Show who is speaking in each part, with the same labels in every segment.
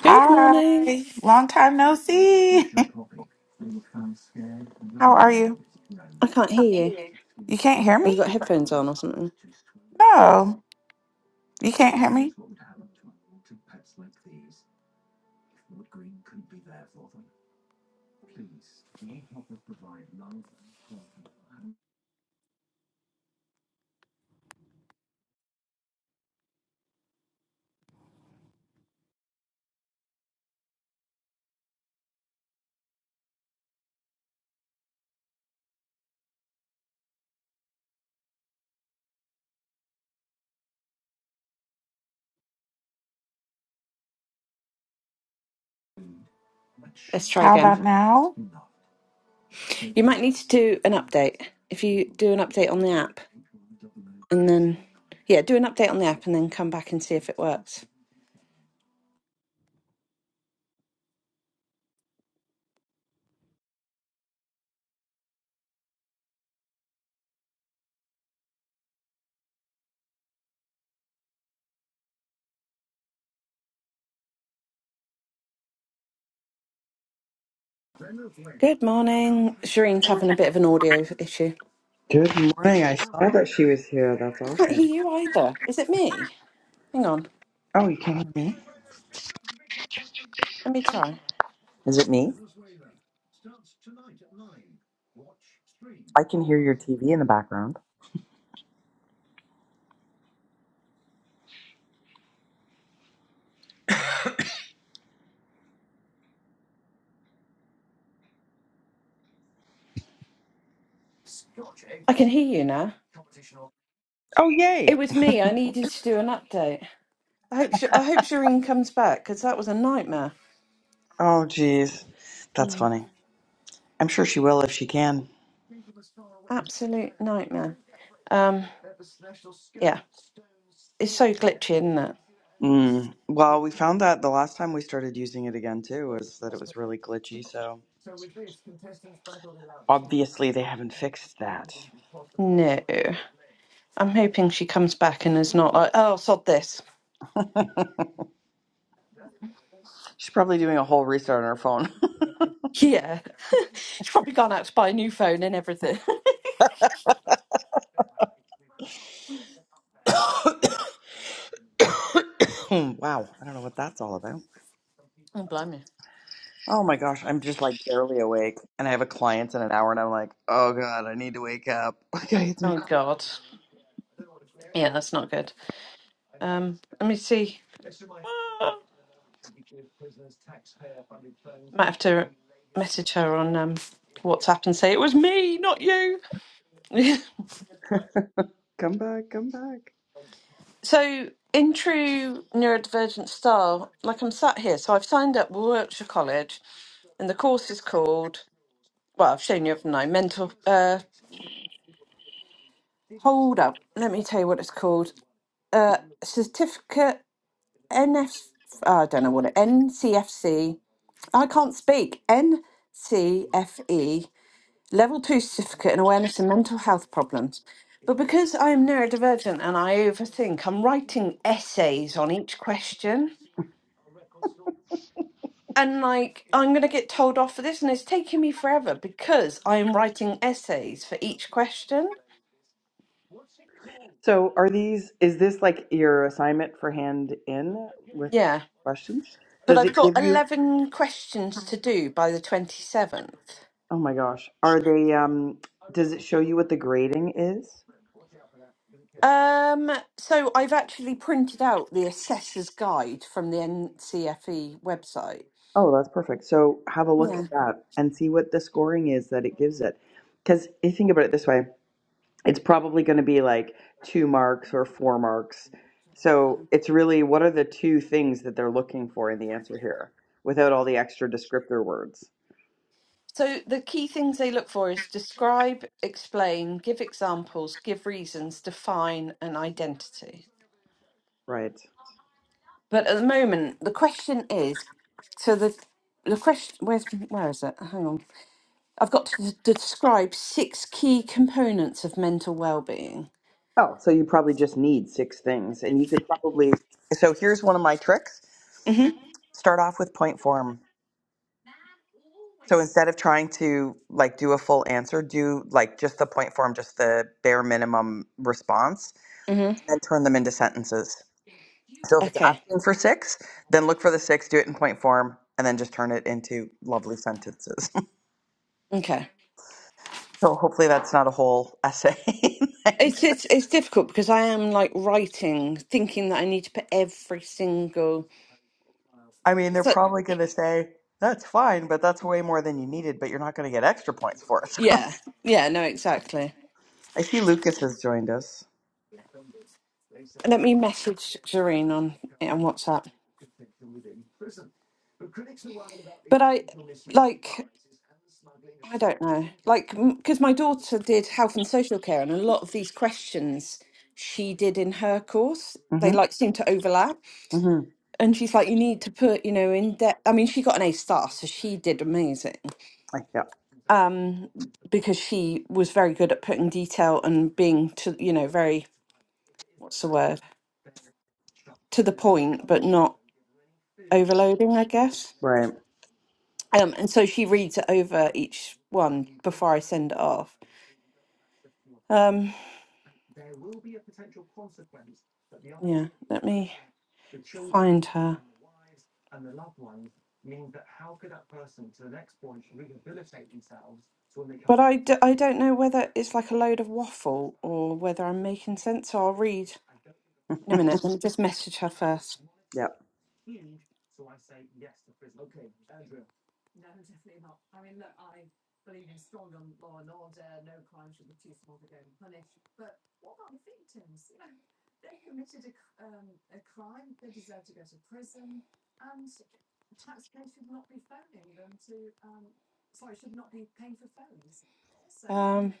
Speaker 1: Good morning.
Speaker 2: long time no see. How are you?
Speaker 1: I can't hear you.
Speaker 2: You can't hear
Speaker 1: We've
Speaker 2: me?
Speaker 1: got headphones on or something.
Speaker 2: No, you can't hear me.
Speaker 1: Let's try
Speaker 2: How
Speaker 1: again.
Speaker 2: about now?
Speaker 1: You might need to do an update. If you do an update on the app and then, yeah, do an update on the app and then come back and see if it works. Good morning. Shireen's having a bit of an audio issue.
Speaker 3: Good morning. I saw that she was here. That's
Speaker 1: I can't
Speaker 3: awesome.
Speaker 1: hear you either. Is it me? Hang on.
Speaker 3: Oh, you can't hear me?
Speaker 1: Let me try.
Speaker 3: Is it me? I can hear your TV in the background.
Speaker 1: I can hear you now.
Speaker 3: Oh,
Speaker 1: It
Speaker 3: yay.
Speaker 1: was me. I needed to do an update. I hope, Sh- I hope Shireen comes back because that was a nightmare.
Speaker 3: Oh, geez. That's funny. I'm sure she will if she can.
Speaker 1: Absolute nightmare. Um, yeah, it's so glitchy, isn't it?
Speaker 3: Mm. Well, we found that the last time we started using it again, too, was that it was really glitchy. So obviously they haven't fixed that.
Speaker 1: No. I'm hoping she comes back and is not like, oh, sod this.
Speaker 3: She's probably doing a whole restart on her phone.
Speaker 1: Yeah. She's probably gone out to buy a new phone and everything.
Speaker 3: wow. I don't know what that's all about.
Speaker 1: oh, blimey.
Speaker 3: Oh my gosh, I'm just like barely awake, and I have a client in an hour, and I'm like, oh god, I need to wake up. I gotta get some
Speaker 1: Oh,
Speaker 3: coffee.
Speaker 1: God. Yeah, that's not good. Um, let me see. Ah. Might have to message her on um, WhatsApp and say, it was me, not you.
Speaker 3: Come back, come back.
Speaker 1: So, in true neurodivergent style, like I'm sat here, so I've signed up with Wiltshire College, and the course is called, well, I've shown you haven't Mental, uh, hold up, let me tell you what it's called. Uh, certificate NF, I don't know what it, NCFC, I can't speak, NCFE, level two certificate in awareness and mental health problems. But because I am neurodivergent and I overthink, I'm writing essays on each question. and like I'm going to get told off for this, and it's taking me forever because I am writing essays for each question.
Speaker 3: So, are these? Is this like your assignment for hand in with
Speaker 1: Yeah,
Speaker 3: questions?
Speaker 1: but
Speaker 3: Does
Speaker 1: I've
Speaker 3: it
Speaker 1: got
Speaker 3: give you?
Speaker 1: eleven questions to do by the twenty seventh.
Speaker 3: Oh my gosh, are they? Um, does it show you what the grading is?
Speaker 1: Um, so I've actually printed out the assessor's guide from the NCFE website.
Speaker 3: Oh, that's perfect. So have a look
Speaker 1: Yeah.
Speaker 3: at that and see what the scoring is that it gives it. Because you think about it this way. it's probably going to be like two marks or four marks. So it's really what are the two things that they're looking for in the answer here without all the extra descriptor words,
Speaker 1: So the key things they look for is describe, explain, give examples, give reasons, define, and identity.
Speaker 3: right?
Speaker 1: But at the moment, the question is So the the question where's where is it? Hang on, I've got to d- describe six key components of mental well-being.
Speaker 3: Oh, so you probably just need six things and you could probably So here's one of my tricks.
Speaker 1: Mhm.
Speaker 3: Start off with point form. So instead of trying to like do a full answer, do like just the point form, just the bare minimum response
Speaker 1: Mhm.
Speaker 3: and then turn them into sentences. So if it's
Speaker 1: Okay.
Speaker 3: asking for six, then look for the six, do it in point form, and then just turn it into lovely sentences.
Speaker 1: Okay.
Speaker 3: so hopefully that's not a whole essay.
Speaker 1: It's it's it's difficult because I am like writing, thinking that I need to put every single.
Speaker 3: I mean, they're
Speaker 1: So
Speaker 3: probably going to say, that's fine, but that's way more than you needed, but you're not going to get extra points for it.
Speaker 1: yeah, yeah, no, exactly.
Speaker 3: I see Lucas has joined us.
Speaker 1: Let me message Jareen on on WhatsApp. But I like. I don't know. Like, because my daughter did health and social care, and a lot of these questions she did in her course, they
Speaker 3: Mm-hmm.
Speaker 1: like seem to overlap.
Speaker 3: Mm-hmm.
Speaker 1: And she's like, you need to put, you know, in depth. I mean, she got an A star, so she did amazing.
Speaker 3: Like, yeah.
Speaker 1: Um, because she was very good at putting detail and being to, you know, very, what's the word, to the point, but not overloading, I guess.
Speaker 3: Right.
Speaker 1: Um, and so she reads it over each one before I send it off. Um, Yeah, let me find her. But I, d- I don't know whether it's like a load of waffle or whether I'm making sense. So I'll read in a minute. Let me just message her first.
Speaker 3: Yeah.
Speaker 1: Um,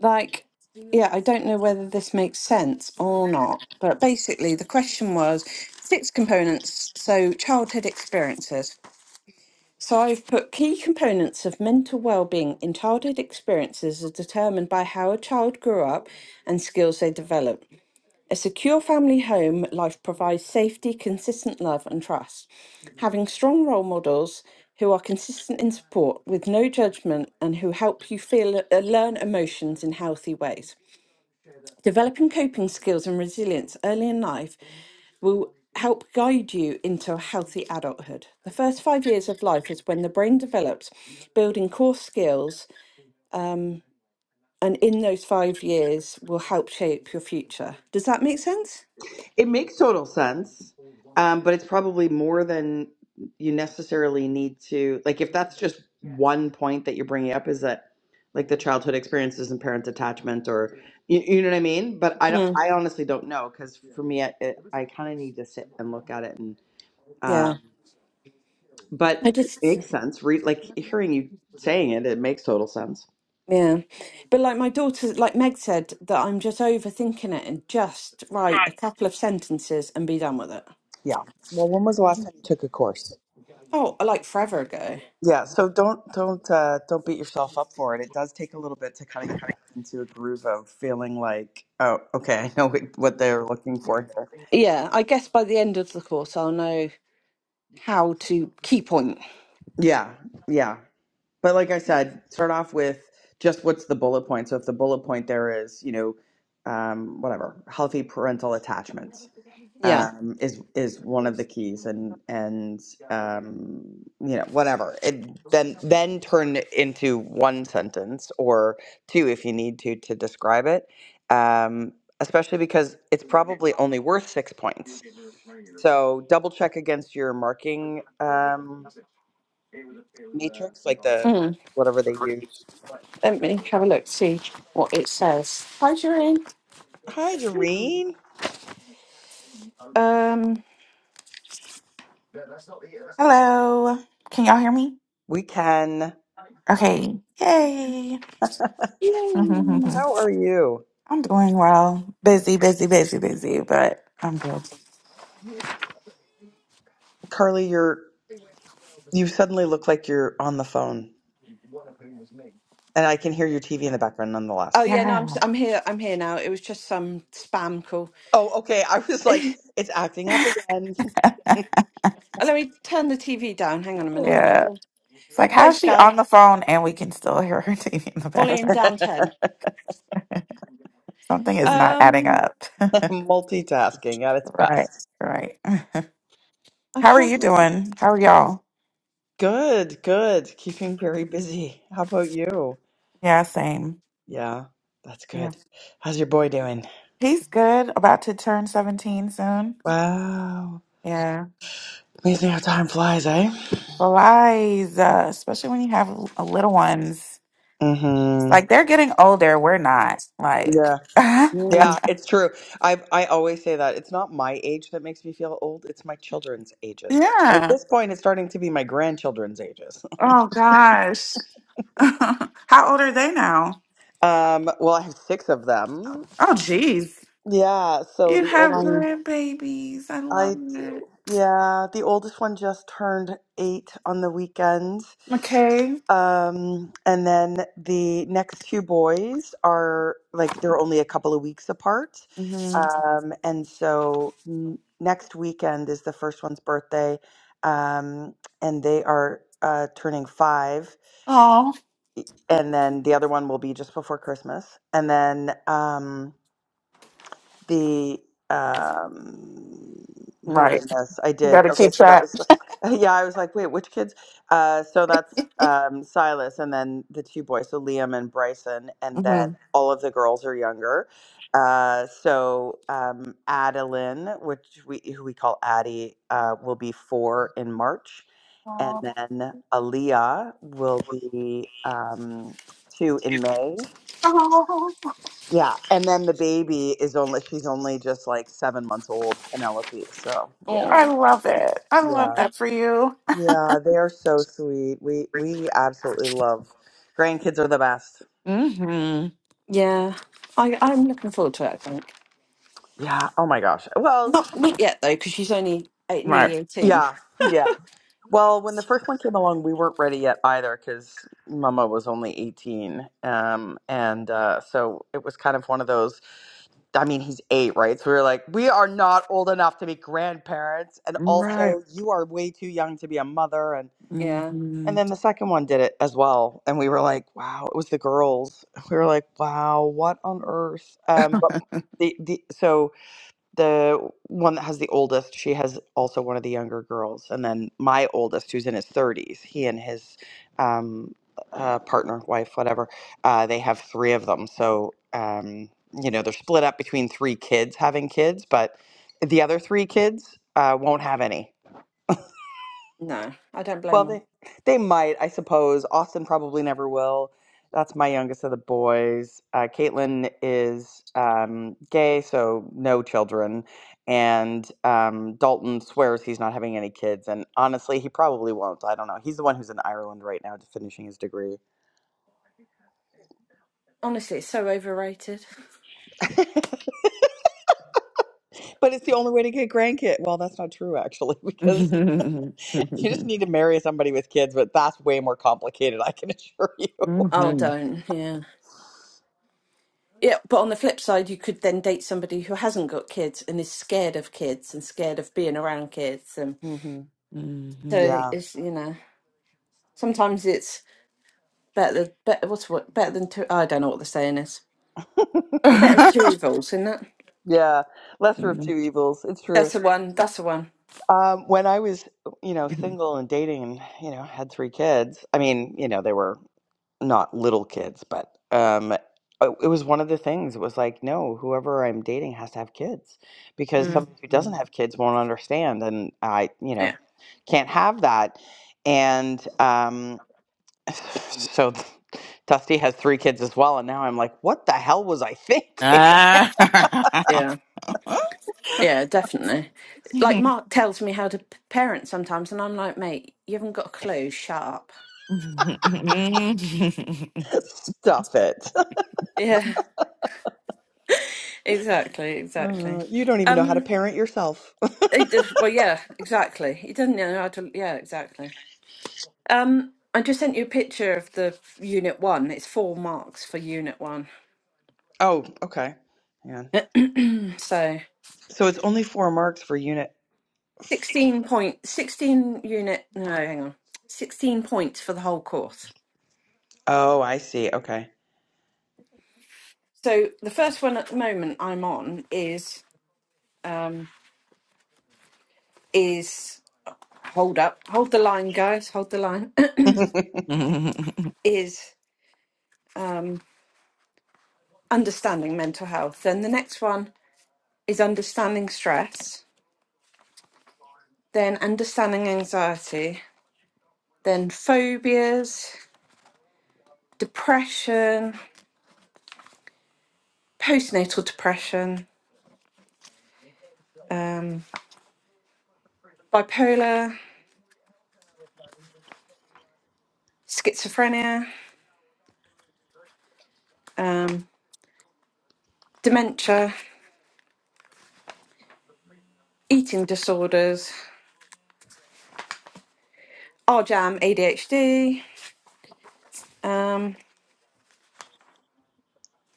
Speaker 1: like, yeah, I don't know whether this makes sense or not, but basically the question was six components. So childhood experiences. So I've put key components of mental well-being in childhood experiences are determined by how a child grew up and skills they develop. A secure family home life provides safety, consistent love and trust. Having strong role models who are consistent in support with no judgment and who help you feel uh, learn emotions in healthy ways. Developing coping skills and resilience early in life will help guide you into a healthy adulthood. The first five years of life is when the brain develops, building core skills, um, and in those five years will help shape your future. Does that make sense?
Speaker 3: It makes total sense, um, but it's probably more than you necessarily need to. Like, if that's just one point that you're bringing up, is that like the childhood experiences and parent attachment, or you, you know what I mean? But I don't.
Speaker 1: Mm,
Speaker 3: I honestly don't know because for me, I, it, I kind of need to sit and look at it. And
Speaker 1: yeah.
Speaker 3: um,
Speaker 1: I
Speaker 3: but it
Speaker 1: just,
Speaker 3: makes sense. Re- like hearing you saying it, it makes total sense.
Speaker 1: yeah. But like my daughter, like Meg said, that I'm just overthinking it and just write a couple of sentences and be done with it.
Speaker 3: Yeah. Well, when was the last time you took a course?
Speaker 1: Oh, like forever ago.
Speaker 3: Yeah, so don't don't uh, don't beat yourself up for it. It does take a little bit to kind of get back into a groove of feeling like, oh, okay, I know what what they're looking for here.
Speaker 1: Yeah, I guess by the end of the course, I'll know how to key point.
Speaker 3: Yeah, yeah. But like I said, start off with just what's the bullet point. So if the bullet point there is, you know, um, whatever, healthy parental attachments
Speaker 1: Yeah.
Speaker 3: um, is is one of the keys, and and um, you know whatever. It, then then turn it into one sentence or two if you need to to describe it. Um, especially because it's probably only worth six points. So double check against your marking um, matrix, like the
Speaker 1: Mm.
Speaker 3: whatever they use
Speaker 1: Let me have a look, see what it says. Hi, Shireen.
Speaker 3: Hi, Jareen.
Speaker 1: Um.
Speaker 2: Hello, can y'all hear me?
Speaker 3: We can.
Speaker 2: Okay, yay.
Speaker 1: Yay.
Speaker 2: I'm
Speaker 3: How are you?
Speaker 2: doing well. Busy, busy, busy, busy, but I'm good.
Speaker 3: Carly, you're you suddenly look like you're on the phone. And I can hear your TV in the background
Speaker 1: Oh
Speaker 3: nonetheless.
Speaker 1: yeah, no, I'm
Speaker 2: Yeah,
Speaker 1: s- I'm here. I'm here now. It was just some spam call.
Speaker 3: Oh, okay. I was like,
Speaker 1: Let
Speaker 3: it's acting up again.
Speaker 1: me turn the TV down. Hang on a minute. Where
Speaker 2: yeah.
Speaker 1: do I...
Speaker 2: It's like,
Speaker 1: Hello,
Speaker 2: how is she on
Speaker 1: Sky.
Speaker 2: the phone and we can still hear her TV in the
Speaker 1: Volume
Speaker 2: background?
Speaker 1: down ten.
Speaker 2: Something is not adding
Speaker 1: Um,
Speaker 2: up.
Speaker 3: Multitasking at its
Speaker 2: right,
Speaker 3: best.
Speaker 2: right.
Speaker 1: I
Speaker 2: How are
Speaker 1: can't.
Speaker 2: you doing? How are y'all?
Speaker 3: Good, good. Keeping very busy. How about you?
Speaker 2: Yeah, same.
Speaker 3: Yeah, that's good. How's your boy doing?
Speaker 2: He's good. About to turn 17 soon.
Speaker 3: Wow.
Speaker 2: Yeah.
Speaker 3: Amazing how time flies, eh?
Speaker 2: Flies, uh, especially when you have l- uh, little ones. It's
Speaker 3: Mm-hmm.
Speaker 2: Like they're getting older. We're not.
Speaker 3: Yeah.
Speaker 2: Like, yeah.
Speaker 3: Yeah,
Speaker 1: Mm,
Speaker 3: it's true. I I always say that it's not my age that makes me feel old; it's my children's ages. And at this point, it's starting to be my grandchildren's ages.
Speaker 2: Oh, gosh. How old are they now?
Speaker 3: Um, well, I have six of them.
Speaker 2: Oh, geez.
Speaker 3: Yeah, so
Speaker 2: You
Speaker 3: the
Speaker 2: have
Speaker 3: oldest
Speaker 2: grandbabies. I love
Speaker 3: I
Speaker 2: it.
Speaker 3: do. Yeah, the oldest one just turned eight on the weekend.
Speaker 2: Okay.
Speaker 3: Um, and then the next two boys are like they're only a couple of weeks apart.
Speaker 2: Mm-hmm.
Speaker 3: Um, and so n- next weekend is the first one's birthday. Um, and they are uh, turning five.
Speaker 2: Oh,
Speaker 3: And then the other one will be just before Christmas. And then um, the um who did
Speaker 2: right.
Speaker 3: I miss? I
Speaker 2: You got
Speaker 3: did.
Speaker 2: to
Speaker 3: Okay,
Speaker 2: keep
Speaker 3: so that
Speaker 2: track.
Speaker 3: was yeah, I was like, wait, which kids? Uh so that's um Silas and then the two boys, so Liam and Bryson, and then
Speaker 2: mm-hmm.
Speaker 3: Mhm. all of the girls are younger. Uh so um Adeline, which we who we call Addie, uh will be four in March. And
Speaker 2: Oh,
Speaker 3: then Aaliyah will be um two in May. Yeah, and then the baby is only she's only just like seven months old, Penelope. So yeah,
Speaker 2: I love it. I love
Speaker 3: yeah,
Speaker 2: that for you.
Speaker 3: yeah. They're so sweet. We we absolutely love grandkids are the best.
Speaker 2: hmm
Speaker 1: yeah, I I'm looking forward to it. I think.
Speaker 3: Yeah. Oh my gosh. Well,
Speaker 1: Not not yet though, because she's only eight, nearly
Speaker 2: Right.
Speaker 1: eighteen.
Speaker 3: yeah, yeah. Well, when the first one came along, we weren't ready yet either because Mama was only eighteen, um, and uh, so it was kind of one of those. I mean, he's eight, right? So we were like, we are not old enough to be grandparents, and
Speaker 2: Right.
Speaker 3: also you are way too young to be a mother, and
Speaker 1: Yeah,
Speaker 3: And
Speaker 2: Mm-hmm.
Speaker 3: then the second one did it as well. And we were like, wow, it was the girls. We were like, wow, what on earth? Um, but the, the so the one that has the oldest, she has also one of the younger girls. And then my oldest, who's in his 30s, he and his um, uh, partner, wife, whatever, uh, they have three of them. So, um, you know, they're split up between three kids having kids, but the other three kids uh, won't have any
Speaker 1: no, I don't blame
Speaker 3: well,
Speaker 1: her.
Speaker 3: they they might, I suppose. Austin probably never will. That's my youngest of the boys. Uh, Caitlin is um, gay, so no children. And um, Dalton swears he's not having any kids. And honestly, he probably won't. I don't know. He's the one who's in Ireland right now, finishing his degree.
Speaker 1: Honestly, it's so overrated.
Speaker 3: But it's the only way to get grandkids. Well, that's not true, actually, because you just need to marry somebody with kids. But that's way more complicated, I can assure you.
Speaker 1: Oh,
Speaker 2: Hmm.
Speaker 1: don't. Yeah, yeah. But on the flip side, you could then date somebody who hasn't got kids and is scared of kids and scared of being around kids, and
Speaker 3: hmm
Speaker 2: Hmm. Hmm.
Speaker 1: so
Speaker 3: Yeah.
Speaker 1: it's you know sometimes it's better better what's what better than two. I don't know what the saying is. Better of two evils, isn't it?
Speaker 3: Yeah. Lesser of two evils. It's true.
Speaker 1: That's the one. That's the one.
Speaker 3: Um, when I was, you know, single and dating and, you know, had three kids, I mean, you know, they were not little kids, but um, it it was one of the things. It was like, no, whoever I'm dating has to have kids because
Speaker 1: Mm.
Speaker 3: somebody who doesn't have kids won't understand. And I, you know,
Speaker 1: Yeah,
Speaker 3: can't have that. And um, so Dusty has three kids as well. And now I'm like, what the hell was I thinking?
Speaker 2: Ah!
Speaker 1: yeah. Yeah, definitely. Like Mark tells me how to p- parent sometimes, and I'm like, mate, you haven't got a clue. Shut up.
Speaker 3: Stuff it.
Speaker 1: Yeah, exactly, exactly.
Speaker 3: Uh, you don't even know how to
Speaker 1: Um,
Speaker 3: parent yourself.
Speaker 1: it does, well, yeah, exactly. He doesn't know how to. Yeah, exactly. Um, I just sent you a picture of the unit one. It's four marks for unit one.
Speaker 3: Oh, okay. Yeah.
Speaker 1: so
Speaker 3: So it's only four marks for unit.
Speaker 1: 16 point 16 unit no hang on 16 points for the whole course
Speaker 3: Oh, I see. Okay.
Speaker 1: so the first one at the moment i'm on is um, is hold up, hold the line, guys, hold the line, is um, understanding mental health. Then the next one is understanding stress, then understanding anxiety, then phobias, depression, postnatal depression, um, bipolar, schizophrenia, um, dementia, eating disorders, RJAM, ADHD.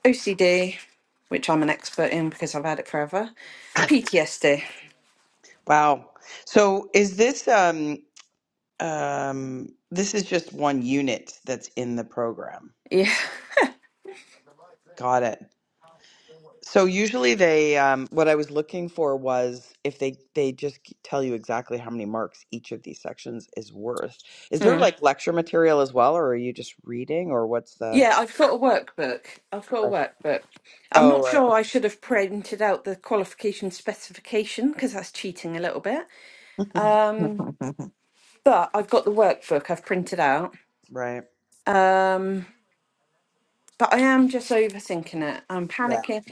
Speaker 1: OCD, which I'm an expert in because I've had it forever. PTSD.
Speaker 3: Wow. So is this um um this is just one unit that's in the program.
Speaker 1: Yeah.
Speaker 3: Got it. So usually they um what I was looking for was if they they just g- tell you exactly how many marks each of these sections is worth. Is there
Speaker 1: Mm.
Speaker 3: like lecture material as well or are you just reading or what's the
Speaker 1: Yeah, I've got a workbook. I've got a
Speaker 3: right.
Speaker 1: workbook. I'm
Speaker 3: Oh,
Speaker 1: not
Speaker 3: right.
Speaker 1: sure I should have printed out the qualification specification because that's cheating a little bit. Um, but I've got the workbook I've printed out.
Speaker 3: Right.
Speaker 1: Um, but I am just overthinking it. I'm
Speaker 3: Yeah.
Speaker 1: panicking.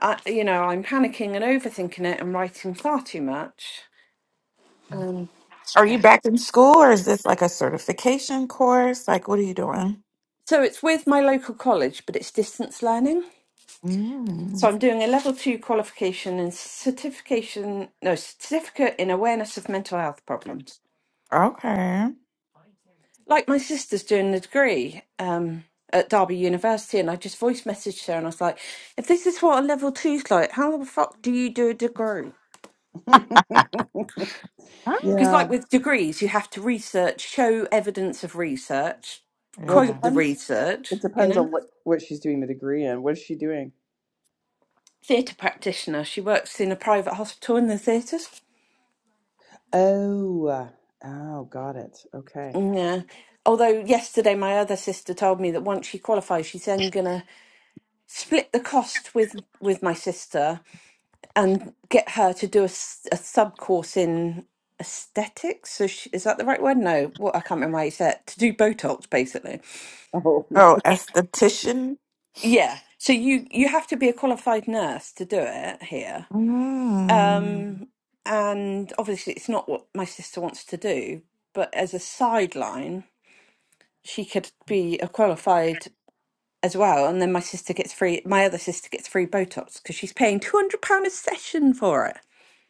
Speaker 1: I, you know, I'm panicking and overthinking it and writing far too much. Um,
Speaker 2: Are
Speaker 1: Yeah.
Speaker 2: you back in school or is this like a certification course? Like, what are you doing?
Speaker 1: So it's with my local college, but it's distance learning. So
Speaker 2: Mm,
Speaker 1: I'm doing a level two qualification and certification, no, certificate in awareness of mental health problems.
Speaker 2: okay.
Speaker 1: Like my sister's doing the degree um, at Derby University, and I just voice messaged her and I was like, if this is what a level two's like, how the fuck do you do a degree?
Speaker 2: Ah,
Speaker 1: Because,
Speaker 3: yeah.
Speaker 1: like with degrees, you have to research, show evidence of research,
Speaker 3: Well, it
Speaker 2: Yeah.
Speaker 1: quote the
Speaker 3: depends
Speaker 1: research,
Speaker 3: It
Speaker 1: you
Speaker 3: depends
Speaker 1: know?
Speaker 3: on what what she's doing the degree in. What is she doing?
Speaker 1: Theatre practitioner, she works in a private hospital in the theatres.
Speaker 3: Oh, uh, oh, got it. Okay.
Speaker 1: Yeah. Although yesterday my other sister told me that once she qualifies, she's then gonna split the cost with with my sister and get her to do a, sub course in aesthetics. So she, is that the right word? No, what I can't remember how you said it. to do Botox basically.
Speaker 3: Oh,
Speaker 2: Oh, esthetician.
Speaker 1: Yeah. So you you have to be a qualified nurse to do it here.
Speaker 2: Mm.
Speaker 1: Um, and obviously it's not what my sister wants to do, but as a sideline, she could be a qualified. as well. And then my sister gets free, my other sister gets free Botox because she's paying £200 a session for it.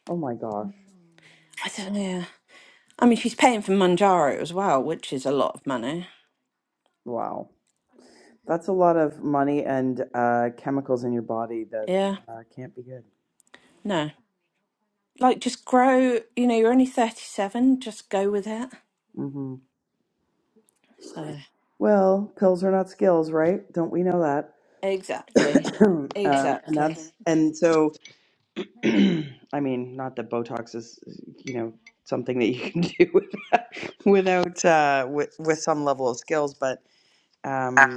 Speaker 3: oh my gosh.
Speaker 1: I don't know. I mean, she's paying for Manjaro as well, which is a lot of money.
Speaker 3: Wow, that's a lot of money and uh, chemicals in your body that
Speaker 1: Yeah,
Speaker 3: uh, can't be good.
Speaker 1: no. Like, just grow, you know, you're only 37, just go with it.
Speaker 3: hmm
Speaker 1: So,
Speaker 3: Well, pills are not skills, right? Don't we know that?
Speaker 1: exactly,
Speaker 3: um, and
Speaker 1: exactly.
Speaker 3: that's and so, I mean, not that Botox is, you know, something that you can do without without uh, with with some level of skills, but. um,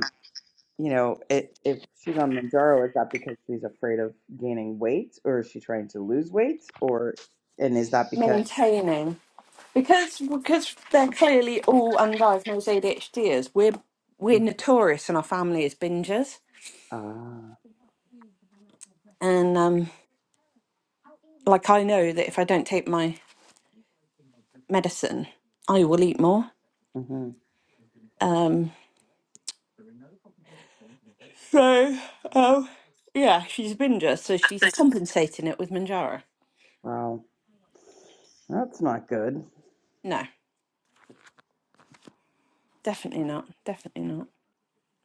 Speaker 3: you know, it, if she's on Manjaro, is that because she's afraid of gaining weight, or is she trying to lose weight, or and is that because?
Speaker 1: Maintaining. Because because they're clearly all undiagnosed ADHDers, we're we're
Speaker 3: Mm,
Speaker 1: notorious in our family as bingers.
Speaker 3: Ah,
Speaker 1: And um, like I know that if I don't take my medicine, I will eat more.
Speaker 3: mm-hmm.
Speaker 1: Um, so, um, yeah, she's a binger, so she's compensating it with Manjaro.
Speaker 3: Wow, that's not good.
Speaker 1: No, definitely not. Definitely not.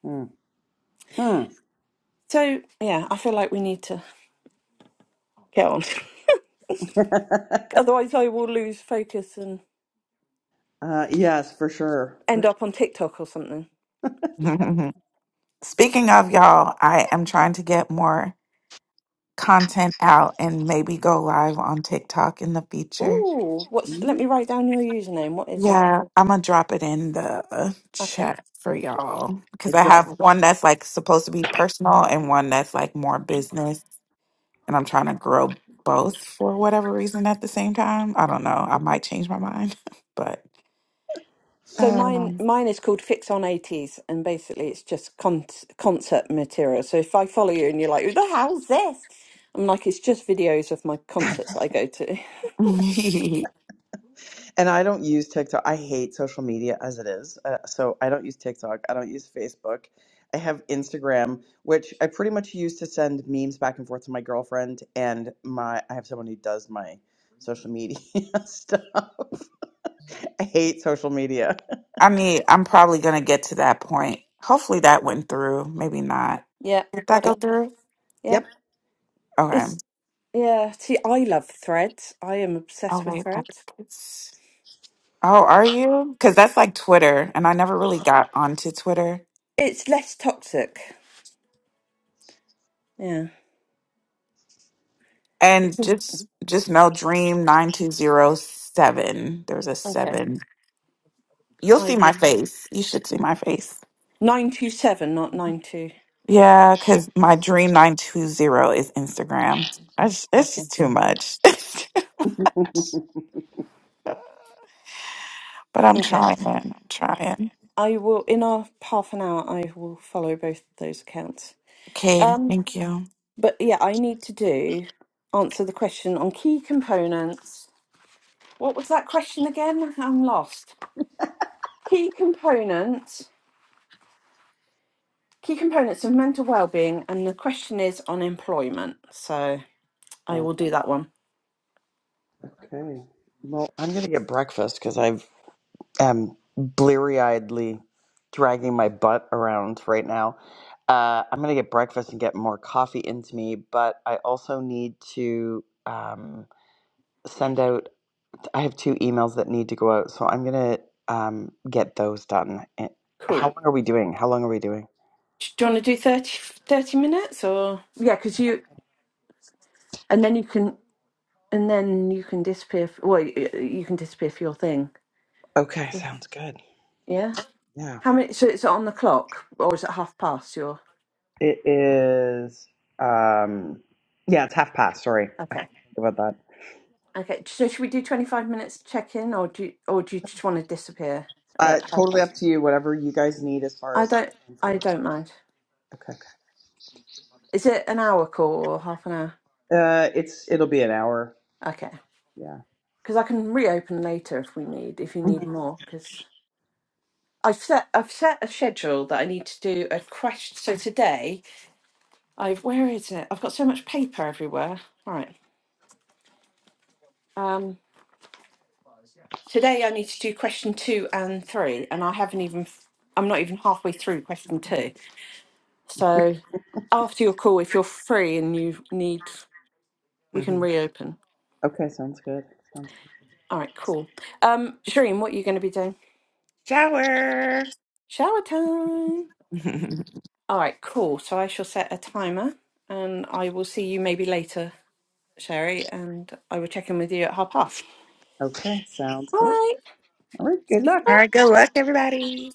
Speaker 3: Hmm. uh,
Speaker 1: So, yeah, I feel like we need to get on. Otherwise, I will lose focus and
Speaker 3: yes, for sure. For
Speaker 1: end
Speaker 3: sure.
Speaker 1: up on TikTok or something.
Speaker 2: Speaking of y'all, I am trying to get more content out and maybe go live on TikTok in the future.
Speaker 1: Ooh, what's? Let me write down your username. What is it?
Speaker 2: Yeah, I'm gonna drop it in the uh,
Speaker 1: Okay.
Speaker 2: chat for y'all
Speaker 3: I
Speaker 2: because I
Speaker 3: don't.
Speaker 2: have one that's like supposed to be personal and one that's like more business, and I'm trying to grow both for whatever reason at the same time. I don't know. I might change my mind, but
Speaker 1: So mine
Speaker 2: um,
Speaker 1: mine is called Fix on 80s and basically it's just con- concert material. So if I follow you and you're like, who the hell's this? I'm like, it's just videos of my concerts I go to.
Speaker 3: And I don't use TikTok. I hate social media as it is. Uh, so I don't use TikTok. I don't use Facebook. I have Instagram, which I pretty much use to send memes back and forth to my girlfriend and my I have someone who does my social media stuff. I hate social media.
Speaker 2: I mean, I'm probably gonna get to that point. Hopefully that went through. Maybe not.
Speaker 1: Yeah,
Speaker 2: Did that
Speaker 1: got
Speaker 2: go
Speaker 1: it.
Speaker 2: through?
Speaker 1: Yeah.
Speaker 3: Yep.
Speaker 2: Okay.
Speaker 1: It's yeah, see I love threads. I am
Speaker 2: Oh
Speaker 1: obsessed with
Speaker 2: wait, I
Speaker 1: threads.
Speaker 2: think it's. Oh, are you? Because that's like Twitter, and I never really got onto Twitter.
Speaker 1: It's less toxic. Yeah. It's
Speaker 2: And just just know, Dream nine two zero seven. There's a
Speaker 1: okay.
Speaker 2: seven. You'll
Speaker 1: I
Speaker 2: see my
Speaker 1: will
Speaker 2: face. You should see my face.
Speaker 1: 927 not nine two.
Speaker 2: Yeah, because my Dream nine two zero is Instagram. I just, it's
Speaker 1: Okay.
Speaker 2: just too much. but I'm
Speaker 1: Okay.
Speaker 2: trying. I'm trying.
Speaker 1: I will in our half an hour I will follow both those accounts.
Speaker 2: Okay,
Speaker 1: Um
Speaker 2: thank you.
Speaker 1: But yeah, I need to do answer the question on key components. What was that question again? I'm lost. Key components, key components of mental well-being, and the question is on employment. So I
Speaker 3: Oh,
Speaker 1: will do that one.
Speaker 3: okay. Well, I'm gonna get breakfast because I've am bleary-eyedly dragging my butt around right now. Uh, I'm gonna get breakfast and get more coffee into me, but I also need to um, send out. I have two emails that need to go out, so I'm gonna um, get those done. And How
Speaker 1: Cool.
Speaker 3: long are we doing? How long are we doing?
Speaker 1: Do you want to do thirty thirty minutes or? Yeah, because you, and then you can, and then you can disappear. f well, y- you can disappear for your thing.
Speaker 3: Okay, sounds good.
Speaker 1: Yeah.
Speaker 3: Yeah,
Speaker 1: How many? So it's on the clock, or is it half past your?
Speaker 3: it is. Um, yeah, it's half past. Sorry, I
Speaker 1: Okay.
Speaker 3: forgot about that.
Speaker 1: Okay, so should we do 25 minutes to check in or do you, or do you just want to disappear
Speaker 3: Uh,
Speaker 1: at half
Speaker 3: totally up
Speaker 1: past?
Speaker 3: to you. Whatever you guys need as far
Speaker 1: I
Speaker 3: as
Speaker 1: don't
Speaker 3: time for
Speaker 1: I
Speaker 3: work.
Speaker 1: don't mind.
Speaker 3: Okay.
Speaker 1: Is it an hour call or half an hour?
Speaker 3: Uh, it's it'll be an hour.
Speaker 1: Okay.
Speaker 3: Yeah.
Speaker 1: Cuz I can reopen later if we need if you need
Speaker 3: Mhm.
Speaker 1: more cuz I've set I've set a schedule that I need to do a question so today I've where is it? I've got so much paper everywhere. Right. Um today I need to do question 2 and 3 and I haven't even I'm not even halfway through question 2. So after your call, if you're free and you need, we can
Speaker 2: hmm
Speaker 1: reopen.
Speaker 3: Okay, sounds good. Sounds
Speaker 1: All right, cool. Um, Shireen, what are you going to be doing?
Speaker 2: Shower.
Speaker 1: Shower time.
Speaker 2: All
Speaker 1: All right, cool. So I shall set a timer and I will see you maybe later, Sherry, and I will check in with you at half past.
Speaker 3: okay. Sounds
Speaker 1: All
Speaker 3: good.
Speaker 1: right,
Speaker 3: All right. Good
Speaker 1: speaking
Speaker 3: luck.
Speaker 1: of that,
Speaker 2: right, good luck, everybody.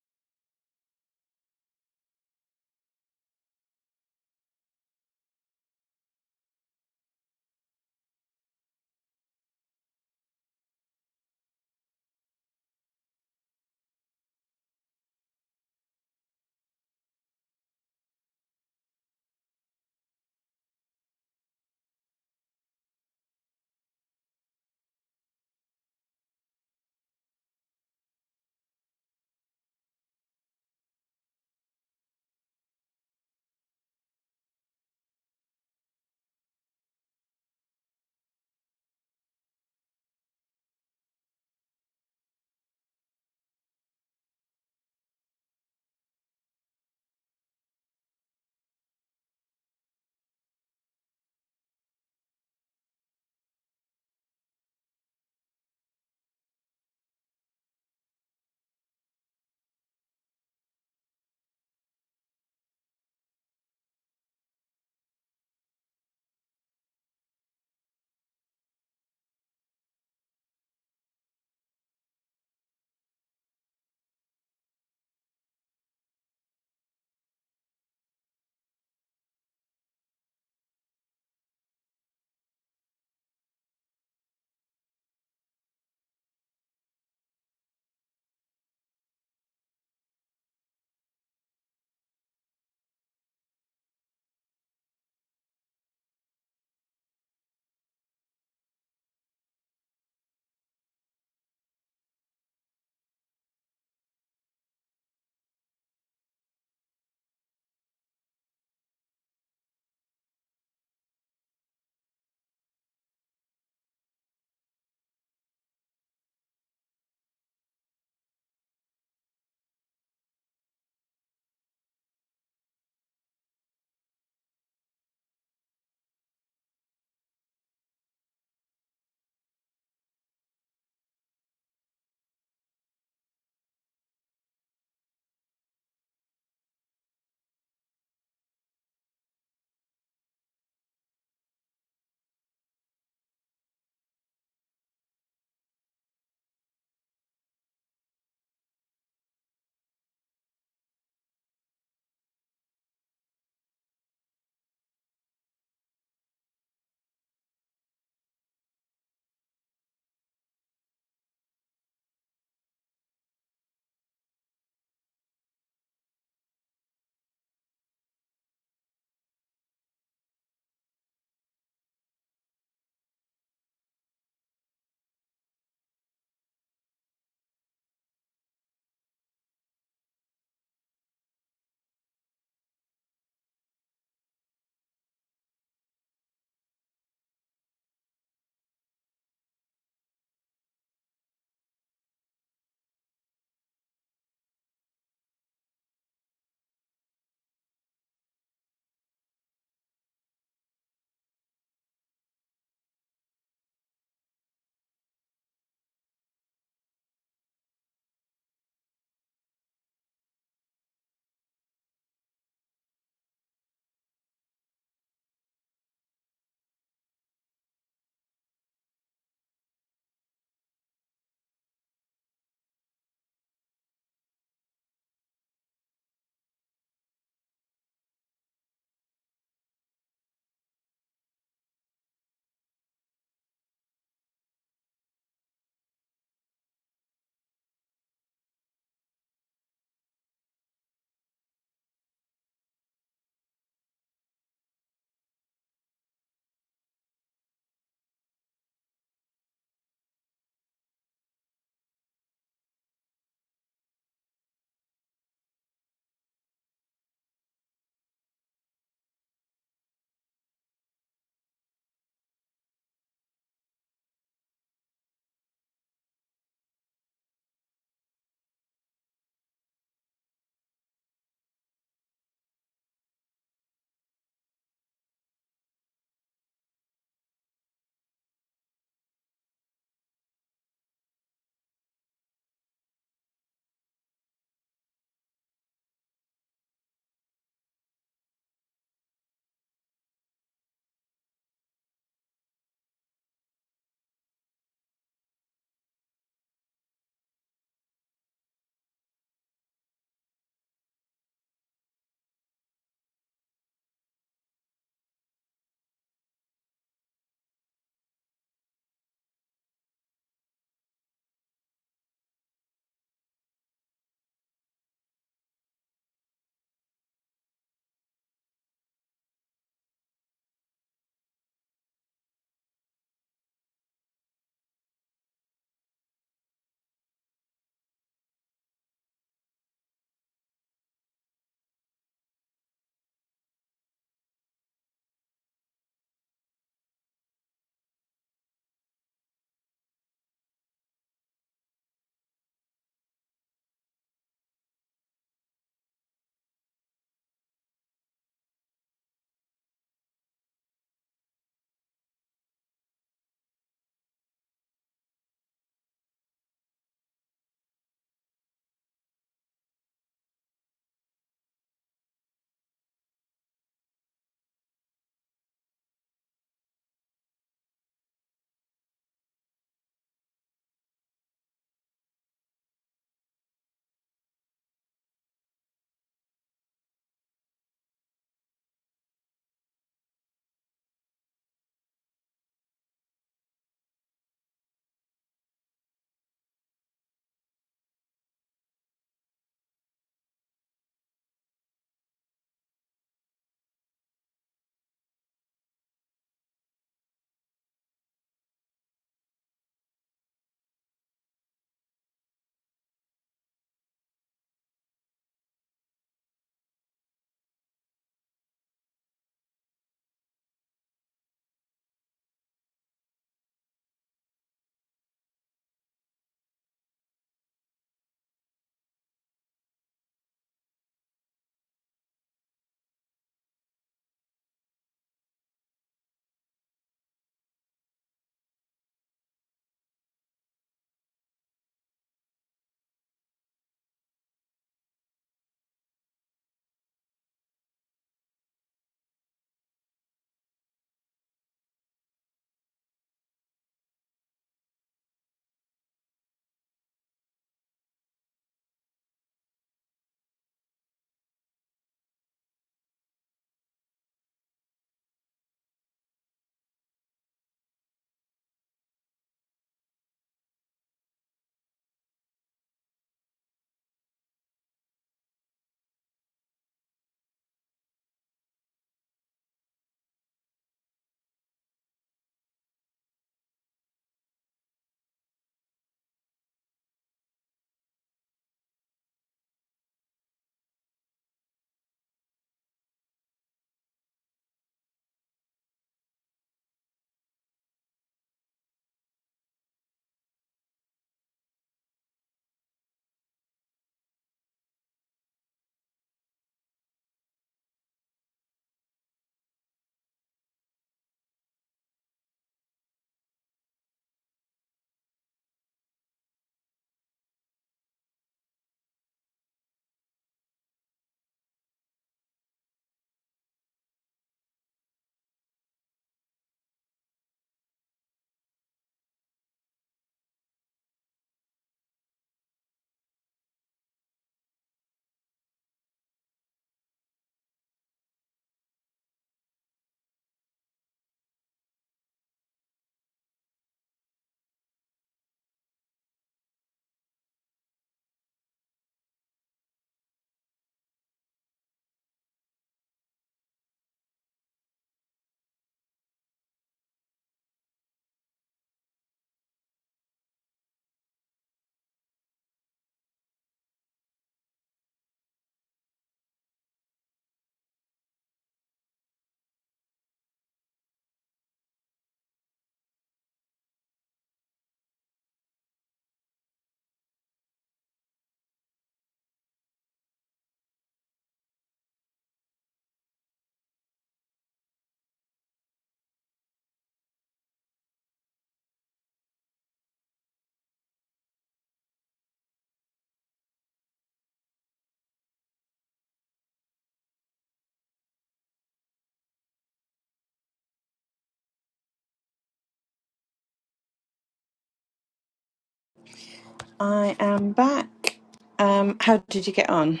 Speaker 1: I am back. Um, how did you get on?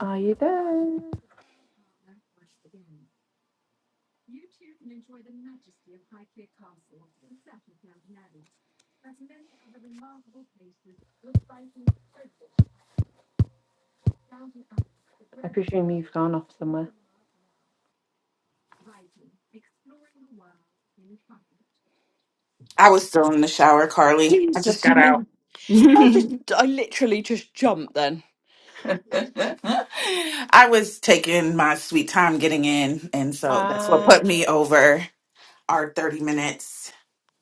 Speaker 1: Are you there? I presume you've gone off somewhere.
Speaker 2: I was still in the shower, Carly. I just
Speaker 1: Jesus, you
Speaker 2: got
Speaker 1: mean
Speaker 2: out.
Speaker 1: I just
Speaker 2: I
Speaker 1: I literally just jumped then.
Speaker 2: was taking my sweet time getting in, and so that's what put me over our 30 minutes.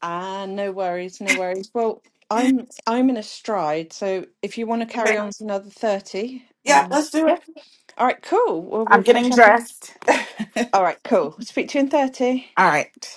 Speaker 1: Ah, no worries, no worries. Well, I'm I'm in a stride, so if you want to carry
Speaker 2: Okay.
Speaker 1: on to another 30,
Speaker 2: Yeah,
Speaker 1: um
Speaker 2: let's do
Speaker 1: yeah.
Speaker 2: it.
Speaker 1: All right, cool. We'll, we'll
Speaker 2: I'm getting
Speaker 1: catch up. in-
Speaker 2: dressed. All
Speaker 1: All right, cool. Speak to you in 30.
Speaker 2: right.